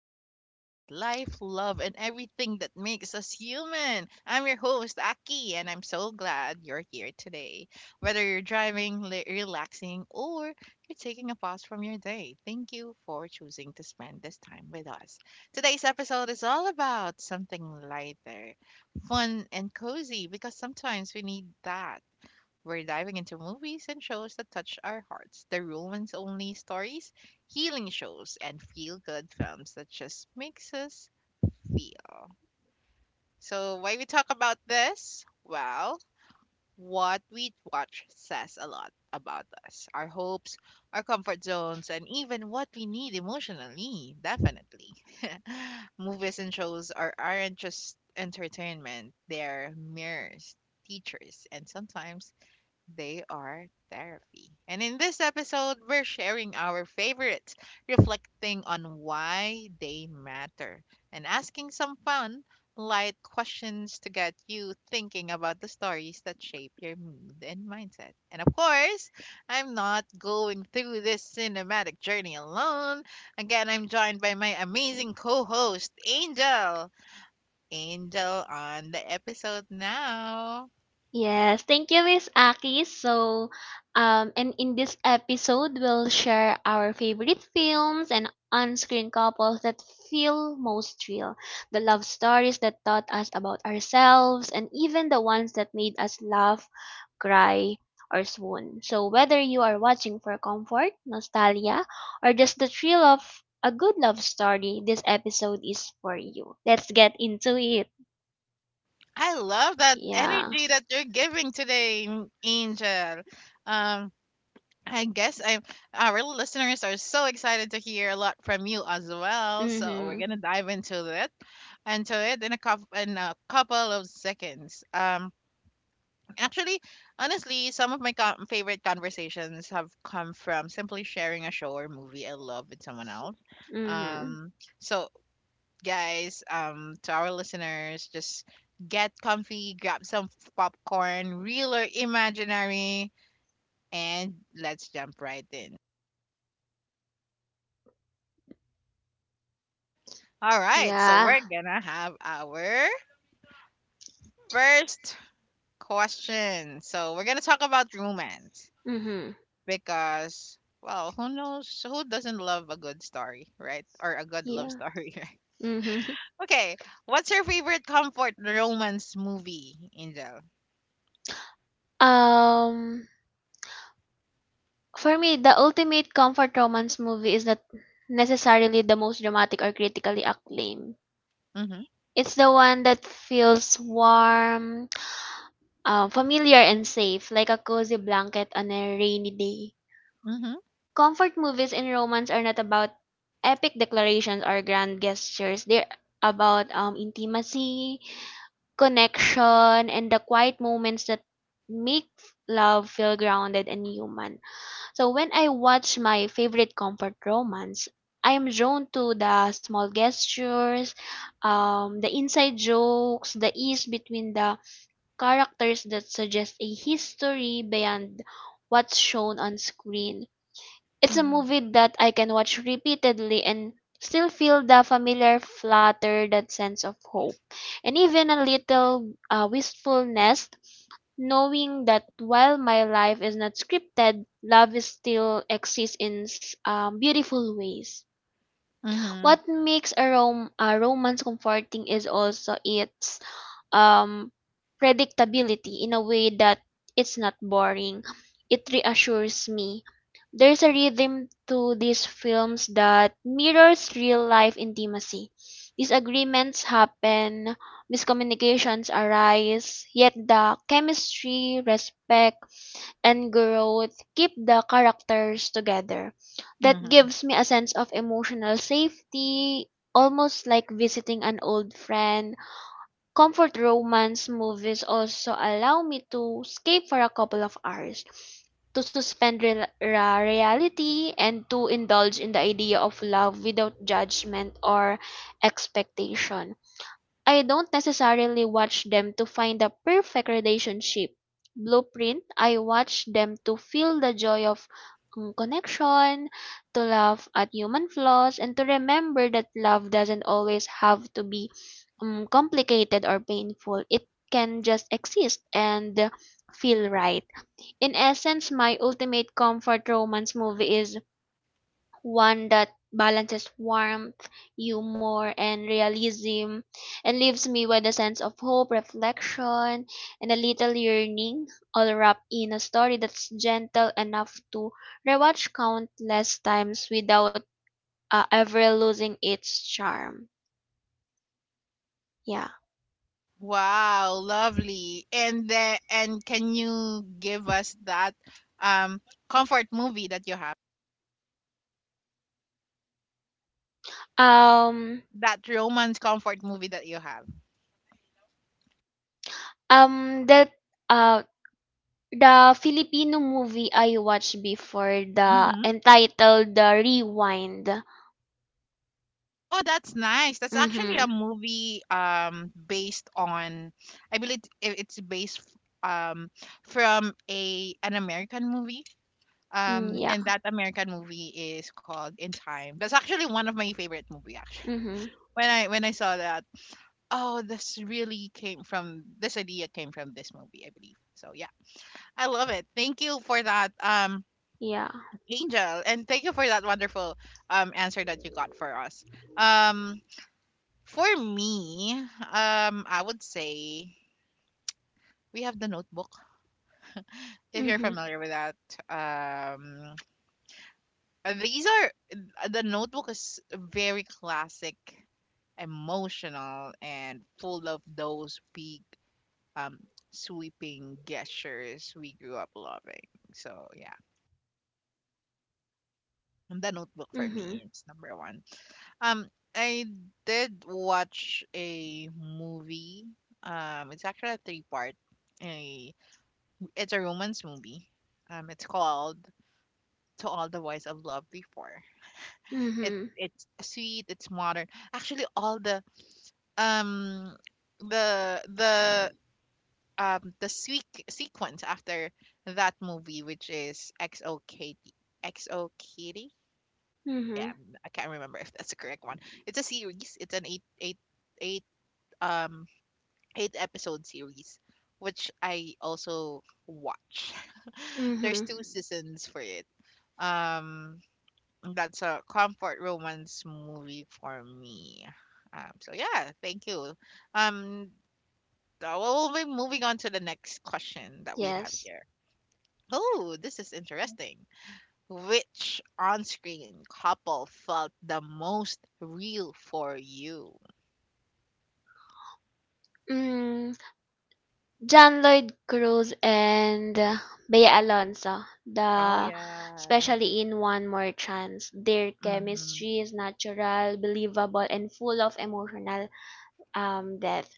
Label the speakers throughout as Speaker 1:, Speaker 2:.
Speaker 1: where we talk about life, love, and everything that makes us human. I'm your host, Aki, and I'm so glad you're here today. Whether you're driving, relaxing, or you're taking a pause from your day, thank you for choosing to spend this time with us. Today's episode is all about something lighter, fun, and cozy because sometimes we need that. We're diving into movies and shows that touch our hearts, the romance only stories, healing shows, and feel good films that just makes us feel. So, why we talk about this? Well, what we watch says a lot about us, our hopes, our comfort zones, and even what we need emotionally, definitely. Movies and shows aren't just entertainment, they're mirrors, teachers, and sometimes they are therapy. And in this episode, we're sharing our favorites, reflecting on why they matter, and asking some fun, light questions to get you thinking about the stories that shape your mood and mindset. And of course, I'm not going through this cinematic journey alone. Again, I'm joined by my amazing co host, Angel. Angel on the episode now.
Speaker 2: Yes, thank you, Miss Aki. And in this episode, we'll share our favorite films and on-screen couples that feel most real, the love stories that taught us about ourselves, and even the ones that made us laugh, cry, or swoon. So, whether you are watching for comfort, nostalgia, or just the thrill of a good love story, this episode is for you. Let's get into it.
Speaker 1: I love that
Speaker 2: Yeah.
Speaker 1: energy that you're giving today, Angel. Um, I guess I'm Our listeners are so excited to hear a lot from you as well. So we're
Speaker 2: Mhm.
Speaker 1: gonna dive into it in a couple of seconds. Actually, Honestly, some of my favorite conversations have come from simply sharing a show or movie I love with someone else.
Speaker 2: Mhm.
Speaker 1: Um, so guys, to our listeners, just get comfy, grab some popcorn, real or imaginary, and let's jump right in. All right, so
Speaker 2: Yeah.
Speaker 1: we're gonna have our first question. So we're gonna talk about romance
Speaker 2: Mhm.
Speaker 1: because, well, who knows? Who doesn't love a good story, right? Or a good love
Speaker 2: Yeah.
Speaker 1: story, right?
Speaker 2: Mhm.
Speaker 1: Okay, what's your favorite comfort romance movie, Angel?
Speaker 2: Um for me, the ultimate comfort romance movie is not necessarily the most dramatic or critically acclaimed.
Speaker 1: Mm-hmm.
Speaker 2: It's the one that feels warm, familiar and safe, like a cozy blanket on a rainy day.
Speaker 1: Mm-hmm.
Speaker 2: Comfort movies in romance are not about epic declarations or grand gestures. They're about intimacy, connection and the quiet moments that make love feel grounded and human. So when I watch my favorite comfort romance, I am drawn to the small gestures, the inside jokes, the ease between the characters that suggest a history beyond what's shown on screen. It's a
Speaker 1: Mm-hmm.
Speaker 2: movie that I can watch repeatedly and still feel the familiar flutter, that sense of hope, and even a little wistfulness, knowing that while my life is not scripted, love is still exists in s- beautiful ways.
Speaker 1: Mm-hmm.
Speaker 2: What makes a romance comforting is also its um, predictability, in a way that it's not boring. It reassures me. There's a rhythm to these films that mirrors real life intimacy. Disagreements happen, miscommunications arise, yet the chemistry, respect, and growth keep the characters together. That
Speaker 1: Mm-hmm.
Speaker 2: gives me a sense of emotional safety, almost like visiting an old friend. Comfort romance movies also allow me to escape for a couple of hours, to suspend reality, and to indulge in the idea of love without judgment or expectation. I don't necessarily watch them to find the perfect relationship blueprint. I watch them to feel the joy of connection, to laugh at human flaws, and to remember that love doesn't always have to be complicated or painful. It can just exist and feel right. In essence, my ultimate comfort romance movie is one that balances warmth, humor, and realism, and leaves me with a sense of hope, reflection, and a little yearning, all wrapped in a story that's gentle enough to rewatch countless times without ever losing its charm. Yeah.
Speaker 1: Wow, lovely. And can you give us that um comfort movie that you have?
Speaker 2: Um.
Speaker 1: That romance comfort movie that you have.
Speaker 2: That. Uh. The Filipino movie I watched before, the
Speaker 1: Hmm.
Speaker 2: entitled The Rewind.
Speaker 1: Oh, that's nice. That's actually
Speaker 2: Mm-hmm.
Speaker 1: a movie based on, I believe it's based um from a an American movie.
Speaker 2: Mm,
Speaker 1: Um
Speaker 2: yeah.
Speaker 1: and that American movie is called In Time. That's actually one of my favorite movie actually.
Speaker 2: Mm-hmm.
Speaker 1: When I saw that, oh, this really came from this movie, I believe. So yeah, I love it. Thank you for that,
Speaker 2: Yeah.
Speaker 1: Angel, and thank you for that wonderful answer that you got for us. Um, for me, I would say we have The Notebook. If you're
Speaker 2: Mhm.
Speaker 1: familiar with that, um, these are The Notebook is very classic emotional and full of those big, um, sweeping gestures we grew up loving. So yeah, the Notebook for
Speaker 2: Mhm.
Speaker 1: me it's number one. Um, I did watch a movie. It's actually a three part. A It's a romance movie. It's called To All the Boys I've Loved Before.
Speaker 2: Mhm.
Speaker 1: It's sweet. It's modern. Actually, all the um the the the sequence after that movie, which is XO Katie. XO Kitty? Yeah,
Speaker 2: Mhm.
Speaker 1: I can't remember if that's the correct one. It's a series. It's an eight um eight episode series, which I also watch. There's
Speaker 2: Mhm.
Speaker 1: two seasons for it. Um, that's a comfort romance movie for me. So yeah, thank you. Um, we'll be moving on to the next question that we have
Speaker 2: Yes.
Speaker 1: here. Oh, this is interesting. Which on-screen couple felt the most real for you?
Speaker 2: Mm, John Lloyd Cruz and Bea Alonso,
Speaker 1: Oh
Speaker 2: the
Speaker 1: yeah.
Speaker 2: especially in One More Chance, their
Speaker 1: Mhm.
Speaker 2: chemistry is natural, believable, and full of emotional depth.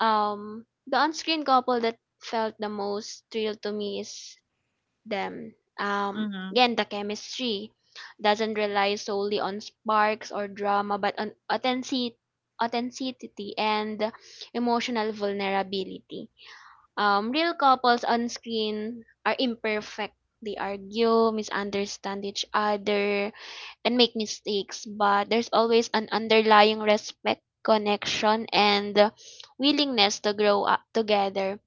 Speaker 2: The on-screen couple that felt the most real to me is them.
Speaker 1: Mhm.
Speaker 2: Again, the chemistry doesn't rely solely on sparks or drama, but on authenticity, authenticity, and emotional vulnerability. Real couples on screen are imperfect. They argue, misunderstand each other, and make mistakes, but there's always an underlying respect, connection, and willingness to grow up together.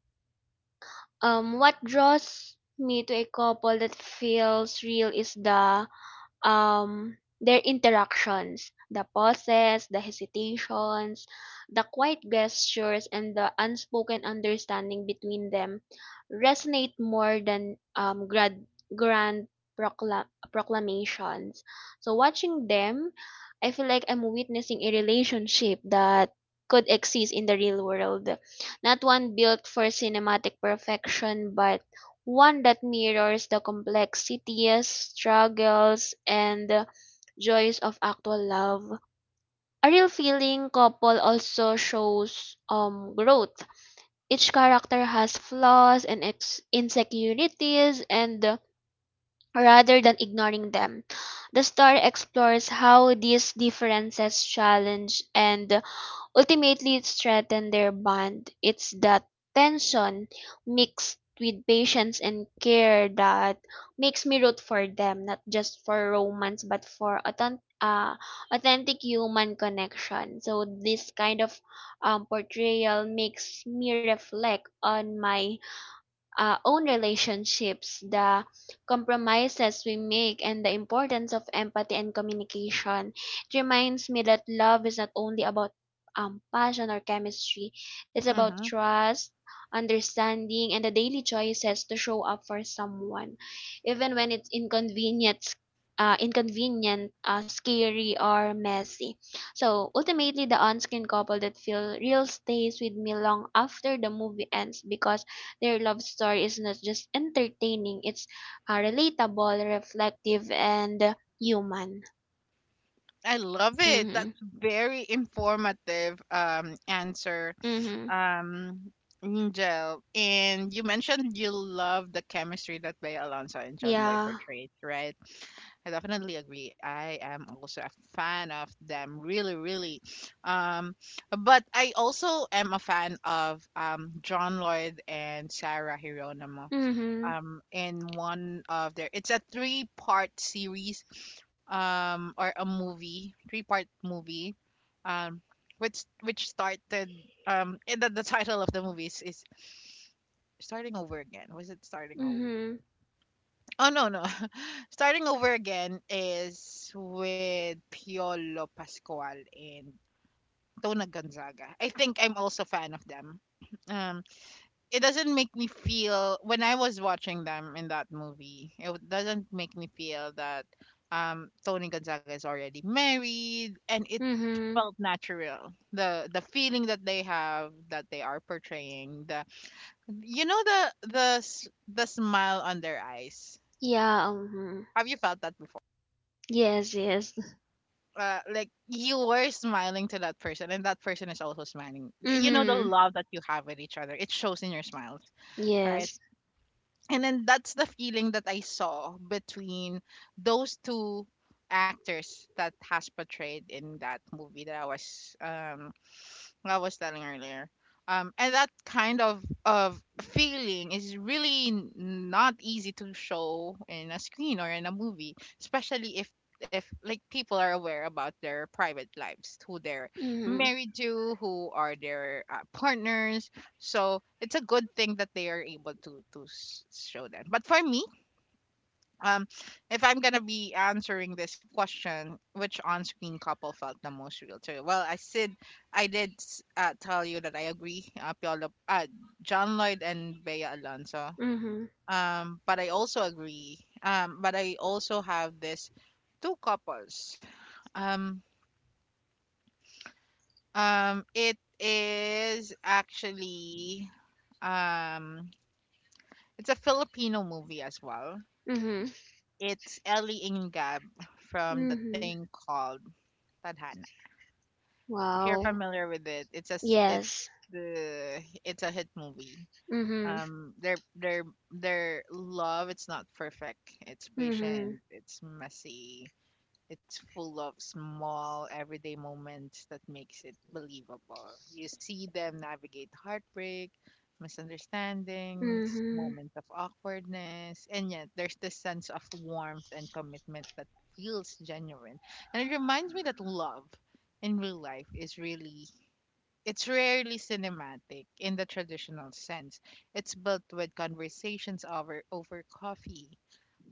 Speaker 2: What draws me to a couple that feels real is their interactions, the pauses, the hesitations, the quiet gestures, and the unspoken understanding between them resonate more than grand proclamations. So watching them, I feel like I'm witnessing a relationship that could exist in the real world, not one built for cinematic perfection but one that mirrors the complexities, struggles, and the joys of actual love. A real feeling couple also shows growth. Each character has flaws and insecurities, and rather than ignoring them, the story explores how these differences challenge and ultimately, it's threatened their bond. It's that tension mixed with patience and care that makes me root for them, not just for romance, but for authentic human connection. So this kind of portrayal makes me reflect on my own relationships, the compromises we make, and the importance of empathy and communication. It reminds me that love is not only about passion or chemistry, it's about
Speaker 1: Mhm.
Speaker 2: trust, understanding, and the daily choices to show up for someone, even when it's inconvenient. Inconvenient, scary, or messy. So ultimately, the on-screen couple that feel real stays with me long after the movie ends because their love story is not just entertaining, it's relatable, reflective, and human.
Speaker 1: I love it.
Speaker 2: Mhm.
Speaker 1: That's very informative answer.
Speaker 2: Mhm.
Speaker 1: Um, Angel, and you mentioned you love the chemistry that Bay Alonso and John Lloyd
Speaker 2: Yeah.
Speaker 1: portrayed, right? I definitely agree. I am also a fan of them, really, really. Um, but I also am a fan of John Lloyd and Sarah Hirono
Speaker 2: Mhm.
Speaker 1: in one of their, it's a three-part series or a movie three-part movie, um which started, and the title of the movie is starting over again. Was it starting over?
Speaker 2: Mhm.
Speaker 1: Oh no, no. Starting Over Again is with Piolo Pascual and Tona Gonzaga. I think I'm also fan of them. um it doesn't make me feel, when I was watching them in that movie, doesn't make me feel that Tony Gonzaga is already married, and it
Speaker 2: Mhm.
Speaker 1: felt natural. The feeling that they have, that they are portraying, the, you know, the smile on their eyes.
Speaker 2: Yeah. Mhm.
Speaker 1: Have you felt that before?
Speaker 2: Yes, yes.
Speaker 1: Like you were smiling to that person, and that person is also smiling. You know the
Speaker 2: Mhm.
Speaker 1: love that you have with each other. It shows in your smiles, right?
Speaker 2: Yes.
Speaker 1: And then that's the feeling that I saw between those two actors that has portrayed in that movie that I was telling earlier. And that kind of feeling is really not easy to show in a screen or in a movie, especially if like, people are aware about their private lives, who they're
Speaker 2: Mhm.
Speaker 1: married to, who are their partners. So it's a good thing that they are able to show that. But for me, um, if I'm gonna be answering this question, which on-screen couple felt the most real to you? Well, I said I tell you that I agree, John Lloyd and Bea Alonso.
Speaker 2: Mhm.
Speaker 1: But I also agree. But I also have this two couples. Um, it is actually, um, it's a Filipino movie as well.
Speaker 2: Mhm.
Speaker 1: It's Ellie Ingab from the
Speaker 2: Mhm.
Speaker 1: thing called Tadhana. If you're
Speaker 2: Wow.
Speaker 1: familiar with it,
Speaker 2: Yes.
Speaker 1: it's a hit movie.
Speaker 2: Mhm.
Speaker 1: Their their love, it's not perfect. It's
Speaker 2: Mhm.
Speaker 1: patient. It's messy. It's full of small everyday moments that makes it believable. You see them navigate heartbreak, misunderstandings,
Speaker 2: Mhm.
Speaker 1: moments of awkwardness, and yet there's this sense of warmth and commitment that feels genuine. And it reminds me that love in real life is really, it's rarely cinematic in the traditional sense. It's built with conversations over coffee,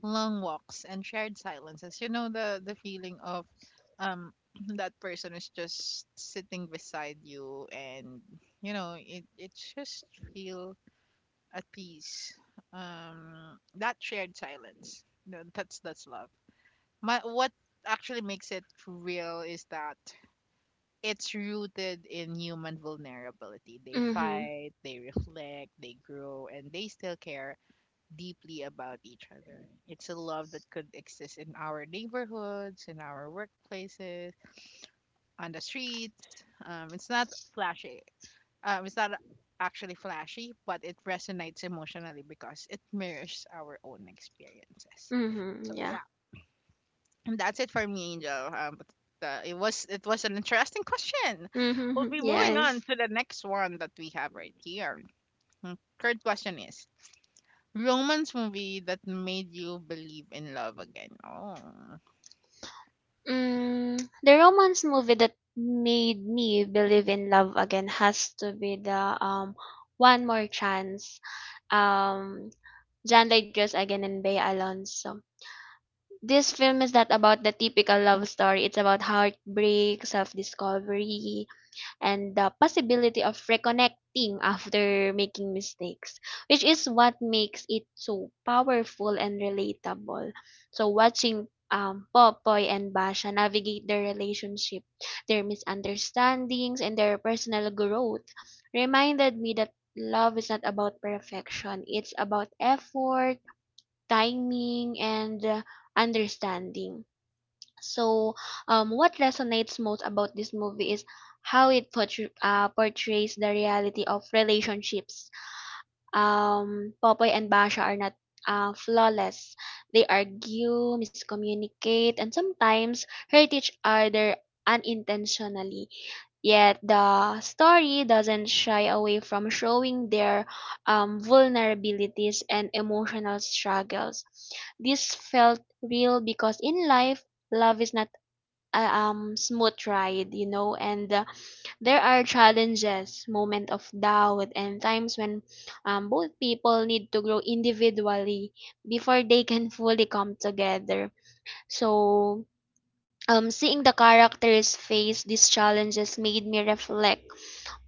Speaker 1: long walks and shared silences. You know, the feeling of, um that person is just sitting beside you and it just feel at peace. That shared silence. No, that's love. My what actually makes it real is that it's rooted in human vulnerability. They
Speaker 2: Mhm.
Speaker 1: fight, they reflect, they grow, and they still care deeply about each other. It's a love that could exist in our neighborhoods, in our workplaces, on the streets. Um, it's not flashy. It's not actually flashy, but it resonates emotionally because it mirrors our own experiences. So
Speaker 2: Mhm. Yeah.
Speaker 1: yeah, and that's it for me, Angel. But It was an interesting question. We'll
Speaker 2: Mhm.
Speaker 1: be moving on
Speaker 2: Yes.
Speaker 1: to the next one that we have right here. Mm, third question is romance movie that made you believe in love again. Oh,
Speaker 2: Mm, the romance movie that made me believe in love again has to be the One More Chance. Um, John Lloyd-Jones again and Bea Alonso. This film is not about the typical love story. It's about heartbreak, self-discovery, and the possibility of reconnecting after making mistakes, which is what makes it so powerful and relatable. So watching Popoy and Basha navigate their relationship, their misunderstandings, and their personal growth reminded me that love is not about perfection. It's about effort, timing, and understanding. So, what resonates most about this movie is how it portrays the reality of relationships. Popoy and Basha are not flawless. They argue, miscommunicate, and sometimes hurt each other unintentionally. Yet the story doesn't shy away from showing their vulnerabilities and emotional struggles. This felt real because in life, love is not a smooth ride, you know, and there are challenges, moment of doubt, and times when both people need to grow individually before they can fully come together. So, seeing the characters face these challenges made me reflect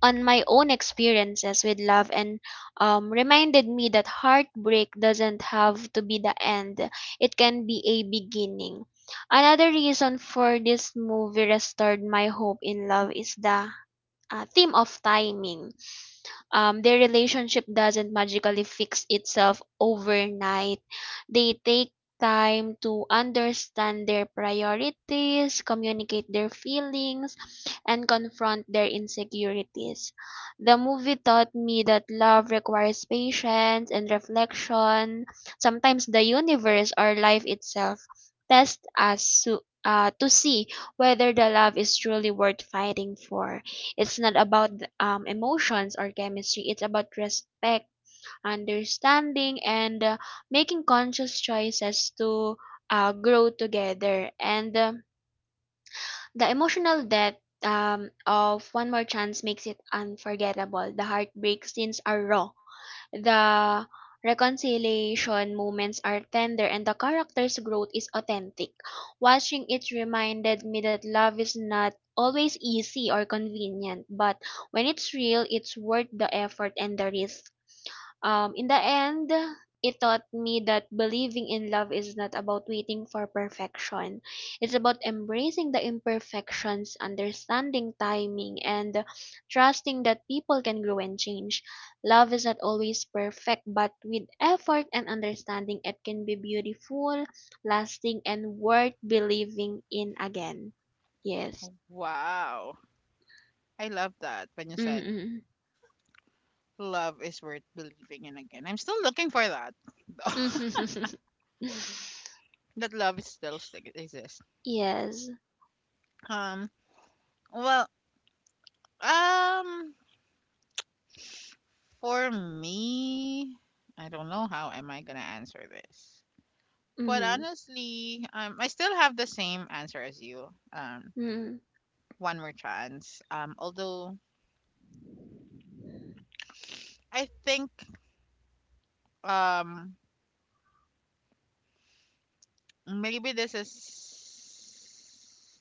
Speaker 2: on my own experiences with love and reminded me that heartbreak doesn't have to be the end, it can be a beginning. Another reason for this movie restored my hope in love is the theme of timing. Their relationship doesn't magically fix itself overnight. They take time to understand their priorities, communicate their feelings, and confront their insecurities. The movie taught me that love requires patience and reflection. Sometimes the universe or life itself tests us to see whether the love is truly worth fighting for. It's not about emotions or chemistry. It's about respect, understanding, and making conscious choices to grow together. And The emotional depth of One More Chance makes it unforgettable. The heartbreak scenes are raw. The reconciliation moments are tender and the character's growth is authentic. Watching it reminded me that love is not always easy or convenient, but when it's real, it's worth the effort and the risk. In the end, it taught me that believing in love is not about waiting for perfection. It's about embracing the imperfections, understanding timing, and trusting that people can grow and change. Love is not always perfect, but with effort and understanding, it can be beautiful, lasting, and worth believing in again. Yes.
Speaker 1: wow. I love that when you said
Speaker 2: Mm-hmm.
Speaker 1: love is worth believing in again. I'm still looking for that. That love is still exists.
Speaker 2: Yes.
Speaker 1: Um, well, um, for me, I don't know how am I gonna answer this. But
Speaker 2: Mm-hmm.
Speaker 1: honestly, I still have the same answer as you. Um,
Speaker 2: Mm-hmm.
Speaker 1: One more chance. Although I think um Maybe this is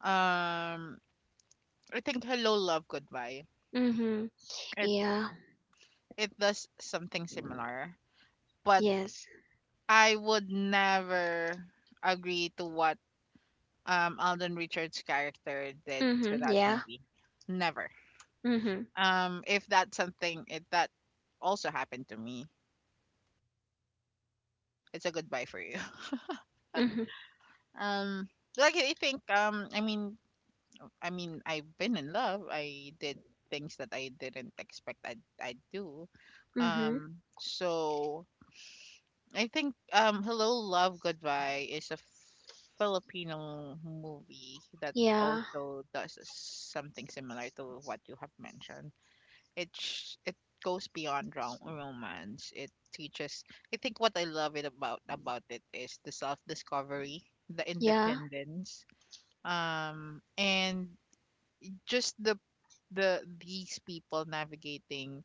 Speaker 1: um I think Hello Love Goodbye.
Speaker 2: Mm-hmm.
Speaker 1: It
Speaker 2: Yeah.
Speaker 1: it does something similar. But
Speaker 2: Yes.
Speaker 1: I would never agree to what Alden Richards' character did to
Speaker 2: Mhm.
Speaker 1: that
Speaker 2: Yeah.
Speaker 1: movie. Never.
Speaker 2: Mhm.
Speaker 1: If that's something, if that also happened to me, it's a goodbye for you.
Speaker 2: Mhm.
Speaker 1: Um I mean, I've been in love. I did things that I didn't expect I'd do.
Speaker 2: Mhm.
Speaker 1: Um, so I think, Hello Love Goodbye is a Filipino movie that
Speaker 2: Yeah.
Speaker 1: also does something similar to what you have mentioned. It sh- it goes beyond romance. It teaches. I think what I love it about it is the self discovery, the
Speaker 2: Yeah.
Speaker 1: independence, and just these people navigating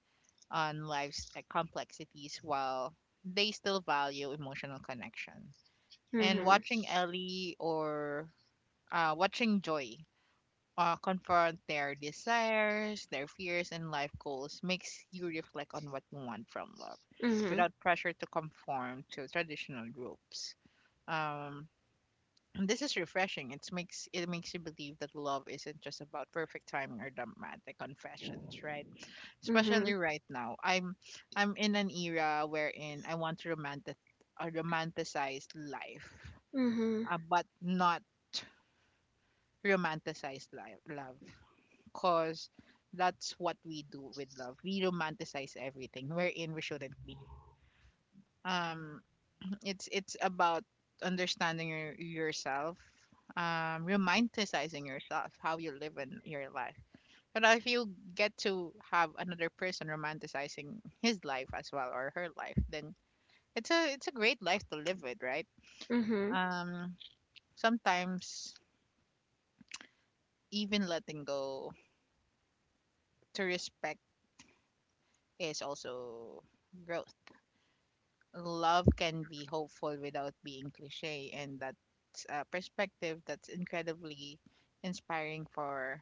Speaker 1: on life's complexities while they still value emotional connection. And
Speaker 2: Mhm.
Speaker 1: watching Ellie, or watching Joy, confront their desires, their fears, and life goals makes you reflect on what you want from love
Speaker 2: Mhm.
Speaker 1: without pressure to conform to traditional groups. Um, and This is refreshing. It makes you believe that love isn't just about perfect timing or dramatic confessions, right? Especially
Speaker 2: Mhm.
Speaker 1: right now, I'm in an era wherein I want to romantic a romanticized life,
Speaker 2: Mhm.
Speaker 1: but not romanticized life, love, cause that's what we do with love. We romanticize everything wherein we shouldn't be. Um, it's about understanding yourself, romanticizing yourself, how you live in your life. But if you get to have another person romanticizing his life as well or her life, then it's a great life to live with, right?
Speaker 2: Mhm.
Speaker 1: um Sometimes even letting go to respect is also growth. Love can be hopeful without being cliche, and that's a perspective that's incredibly inspiring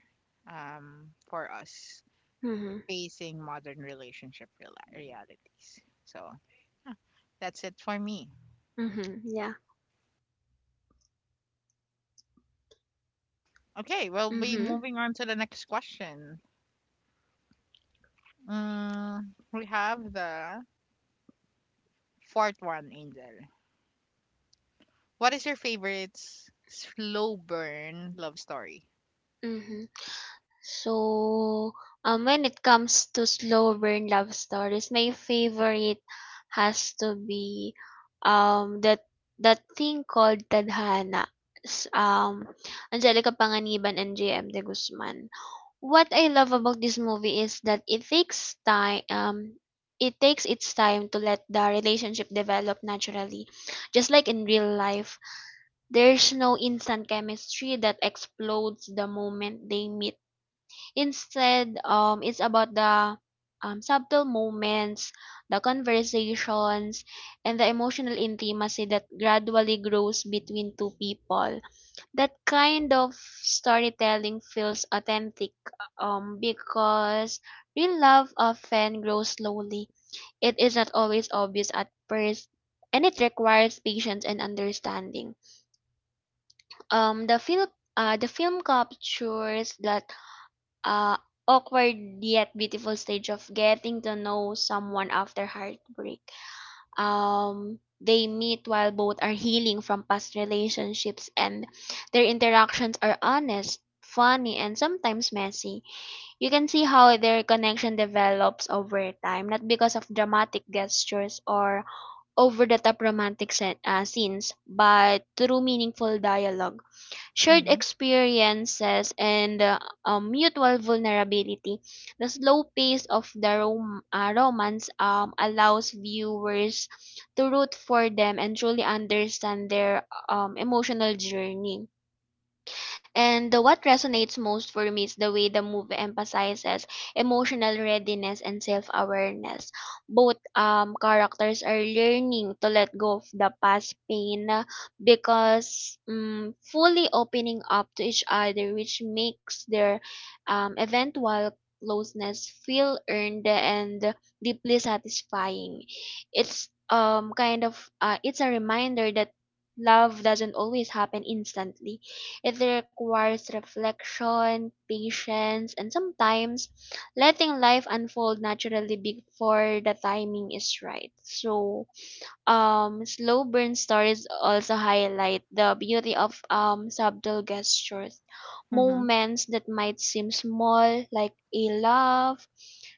Speaker 1: for us
Speaker 2: Mhm.
Speaker 1: facing modern realities. So yeah, that's it for me.
Speaker 2: Mhm. Yeah.
Speaker 1: Okay, we'll be
Speaker 2: Mhm.
Speaker 1: moving on to the next question. mm, we have the fourth one, Angel. What is your favorite slow burn love story?
Speaker 2: Mhm. So, when it comes to slow burn love stories, my favorite has to be, that that thing called Tadhana. S- Um, Angelica Panganiban and JM De Guzman. What I love about this movie is that it takes its time to let the relationship develop naturally. Just like in real life, there's no instant chemistry that explodes the moment they meet. Instead, it's about the subtle moments, the conversations, and the emotional intimacy that gradually grows between two people. That kind of storytelling feels authentic because real love often grows slowly. It is not always obvious at first, and it requires patience and understanding. Um, the film captures that uh, awkward yet beautiful stage of getting to know someone after heartbreak. They meet while both are healing from past relationships and their interactions are honest, funny, and sometimes messy. You can see how their connection develops over time, not because of dramatic gestures or over the top romantic scenes, but through meaningful dialogue, shared
Speaker 1: Mm-hmm.
Speaker 2: experiences, and mutual vulnerability. The slow pace of the romance allows viewers to root for them and truly understand their emotional journey. What resonates most for me is the way the movie emphasizes emotional readiness and self-awareness. Both characters are learning to let go of the past pain, because fully opening up to each other, which makes their eventual closeness feel earned and deeply satisfying. It's kind of It's a reminder that love doesn't always happen instantly. It requires reflection, patience, and sometimes letting life unfold naturally before the timing is right. So, slow burn stories also highlight the beauty of subtle gestures,
Speaker 1: Mm-hmm.
Speaker 2: moments that might seem small, like a laugh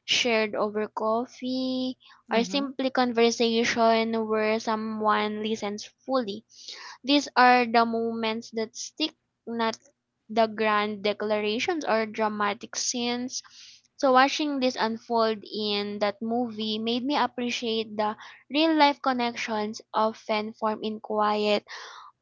Speaker 2: shared over coffee or
Speaker 1: Mm-hmm.
Speaker 2: simply conversation where someone listens fully. These are the moments that stick, not the grand declarations or dramatic scenes. So watching this unfold in that movie made me appreciate the real life connections often formed in quiet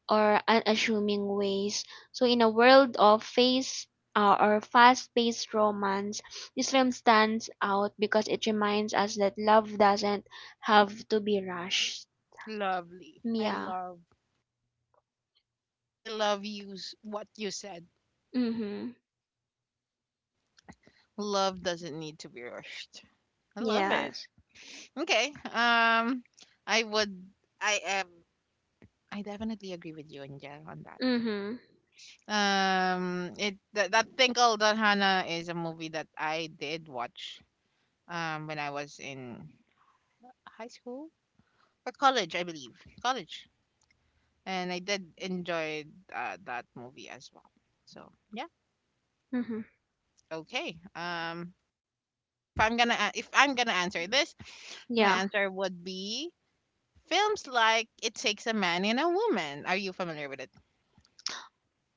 Speaker 2: or unassuming ways. So in a world of face or fast-paced romance, this film stands out because it reminds us that love doesn't have to be rushed.
Speaker 1: Lovely.
Speaker 2: Yeah.
Speaker 1: I love what you said.
Speaker 2: Mhm.
Speaker 1: Love doesn't need to be rushed. I love it.
Speaker 2: Yes.
Speaker 1: Okay. I would I am I definitely agree with you, Angel, on that.
Speaker 2: Mhm.
Speaker 1: It That Tinkle That Hannah is a movie that I did watch when I was in high school or college, I believe. College. And I did enjoy that movie as well. So, yeah.
Speaker 2: Mhm.
Speaker 1: Okay. If I'm gonna answer this, my
Speaker 2: Yeah.
Speaker 1: answer would be films like It Takes a Man and a Woman. Are you familiar with it?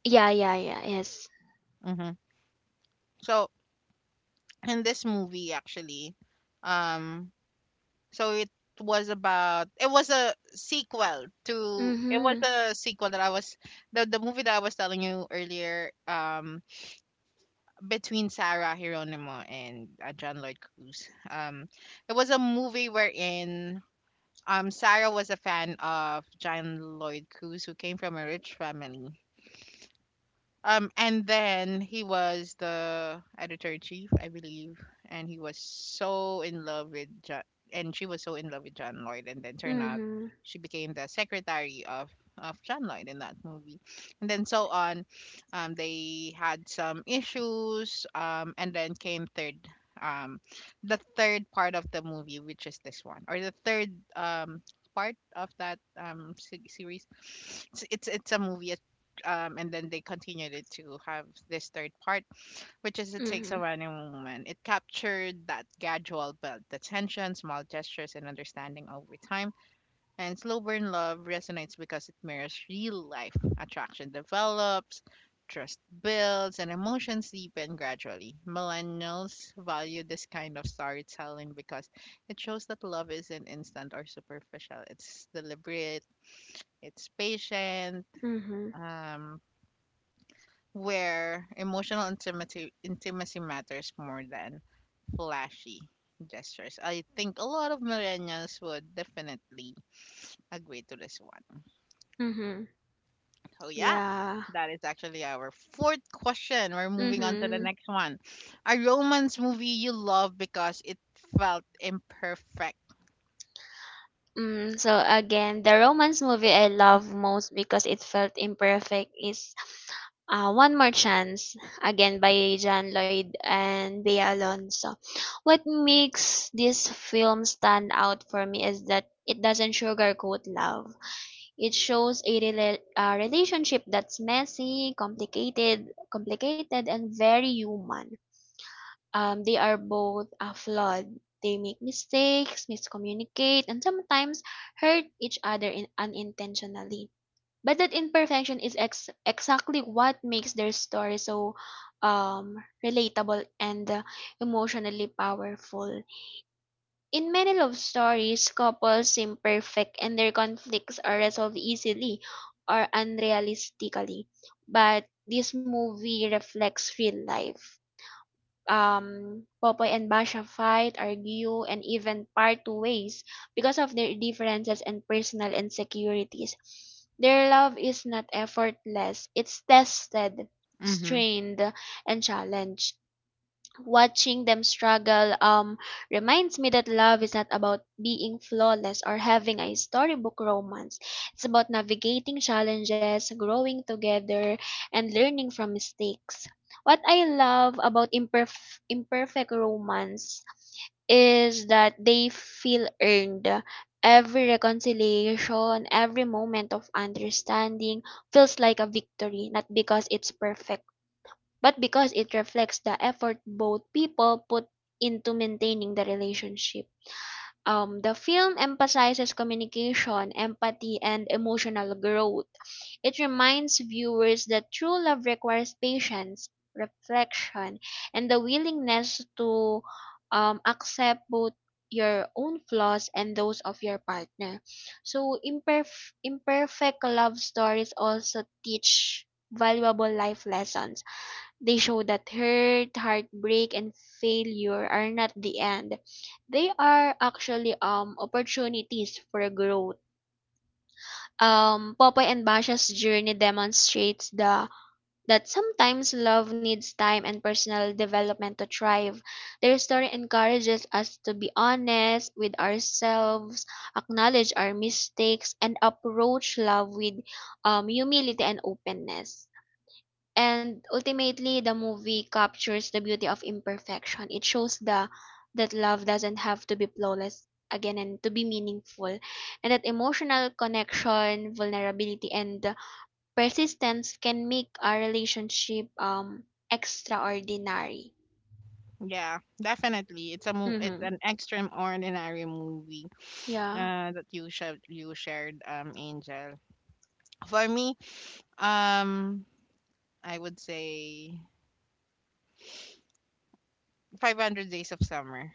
Speaker 2: Yeah, yeah, yeah. Yes.
Speaker 1: Hmm. So in this movie, actually, um, so it it was
Speaker 2: Mhm.
Speaker 1: a sequel that I was the movie that I was telling you earlier, between Sarah Hieronimo and John Lloyd Cruz. It was a movie wherein Sarah was a fan of John Lloyd Cruz, who came from a rich family. And then he was the editor in chief, I believe, and he was so in love with John, and she was so in love with John Lloyd, and then turned out
Speaker 2: Mhm.
Speaker 1: she became the secretary of John Lloyd in that movie, and then so on. They had some issues, and then came third, um, the third part of the movie, which is this one, or the third part of that series. It's a movie, and then they continued it to have this third part, which is It Takes
Speaker 2: Mhm.
Speaker 1: a Man and Woman. It captured that gradual build, the tension, small gestures, and understanding over time. And Slow Burn Love resonates because it mirrors real life. Attraction develops, trust builds, and emotions deepen gradually. Millennials value this kind of storytelling because it shows that love isn't instant or superficial, it's deliberate, it's patient.
Speaker 2: Mhm.
Speaker 1: Um, where emotional intimacy matters more than flashy gestures. I think a lot of millennials would definitely agree to this one.
Speaker 2: Mhm.
Speaker 1: So yeah,
Speaker 2: Yeah.
Speaker 1: that is actually our fourth question. We're moving on to the
Speaker 2: Mhm.
Speaker 1: next one. A romance movie you love because it felt imperfect.
Speaker 2: Mm, so again, the romance movie I love most because it felt imperfect is One More Chance, again by John Lloyd and Bea Alonso. What makes this film stand out for me is that it doesn't sugarcoat love. It shows a relationship that's messy, complicated, and very human. They are both flawed. They make mistakes, miscommunicate, and sometimes hurt each other unintentionally. But that imperfection is exactly what makes their story so um, relatable and emotionally powerful. In many love stories, couples seem perfect and their conflicts are resolved easily or unrealistically. But this movie reflects real life. Popoy and Basha fight, argue, and even part ways because of their differences and personal insecurities. Their love is not effortless, it's tested,
Speaker 1: Mm-hmm.
Speaker 2: strained, and challenged. Watching them struggle reminds me that love is not about being flawless or having a storybook romance. It's about navigating challenges, growing together, and learning from mistakes. What I love about imperfect romance is that they feel earned. Every reconciliation, every moment of understanding feels like a victory, not because it's perfect but because it reflects the effort both people put into maintaining the relationship. The film emphasizes communication, empathy, and emotional growth. It reminds viewers that true love requires patience, reflection, and the willingness to accept both your own flaws and those of your partner. So, imperfect love stories also teach valuable life lessons. They show that hurt, heartbreak, and failure are not the end. They are actually opportunities for growth. Popeye and Basha's journey demonstrates the that sometimes love needs time and personal development to thrive. Their story encourages us to be honest with ourselves, acknowledge our mistakes, and approach love with humility and openness. And ultimately, the movie captures the beauty of imperfection. It shows the that love doesn't have to be flawless again and to be meaningful, and that emotional connection, vulnerability, and persistence can make our relationship extraordinary.
Speaker 1: Yeah, definitely. It's a it's
Speaker 2: Mm-hmm.
Speaker 1: an extraordinary movie
Speaker 2: Yeah.
Speaker 1: that you shared, Angel. For me, um, I would say 500 Days of Summer.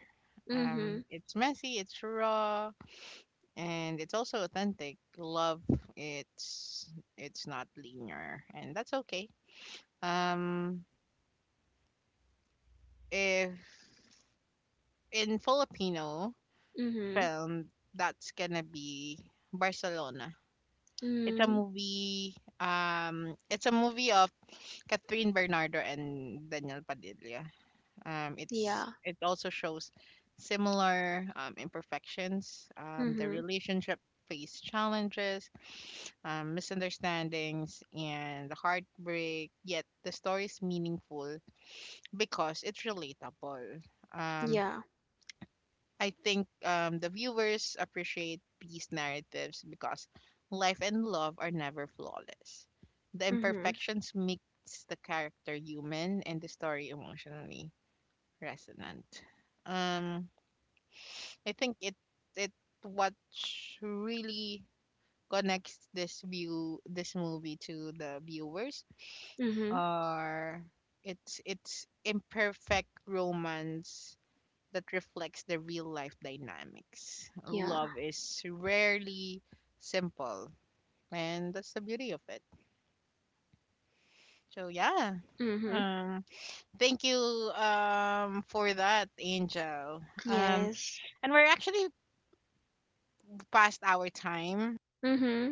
Speaker 2: Mm-hmm.
Speaker 1: It's messy, it's raw, and it's also authentic. Love, it's it's not linear, and that's okay. Um, if in Filipino
Speaker 2: Mm-hmm.
Speaker 1: film, that's gonna be Barcelona. It's a
Speaker 2: Mm-hmm.
Speaker 1: movie. It's a movie of Catherine Bernardo and Daniel Padilla. It's
Speaker 2: Yeah.
Speaker 1: it also shows similar imperfections. The
Speaker 2: Mm-hmm.
Speaker 1: relationship face challenges, misunderstandings, and the heartbreak. Yet the story is meaningful because it's relatable. Um,
Speaker 2: Yeah.
Speaker 1: I think the viewers appreciate these narratives because life and love are never flawless. The
Speaker 2: Mm-hmm.
Speaker 1: imperfections makes the character human and the story emotionally resonant. Um, I think it it what really connects this movie to the viewers
Speaker 2: Mm-hmm.
Speaker 1: are it's imperfect romance that reflects the real life dynamics.
Speaker 2: Yeah.
Speaker 1: Love is rarely simple, and that's the beauty of it. So yeah,
Speaker 2: Mm-hmm.
Speaker 1: um, thank you for that, Angel. Um,
Speaker 2: Yes.
Speaker 1: and we're actually past our time.
Speaker 2: Mm-hmm.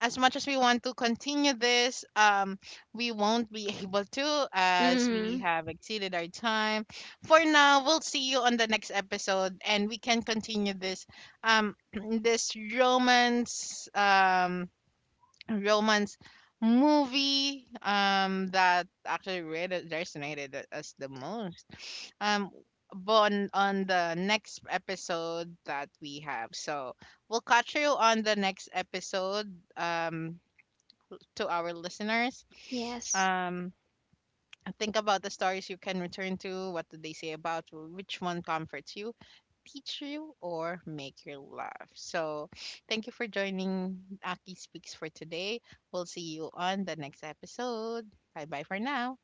Speaker 1: As much as we want to continue this, we won't be able to as we
Speaker 2: Mm-hmm.
Speaker 1: have exceeded our time. For now, we'll see you on the next episode, and we can continue this, um, this romance, romance movie that actually really resonated with us the most um but on the next episode that we have. So we'll catch you on the next episode to our listeners
Speaker 2: Yes.
Speaker 1: um think about the stories you can return to. What do they say about you? Which one comforts you, teach you, or make you laugh? So, thank you for joining Aki Speaks for today. We'll see you on the next episode. Bye bye for now.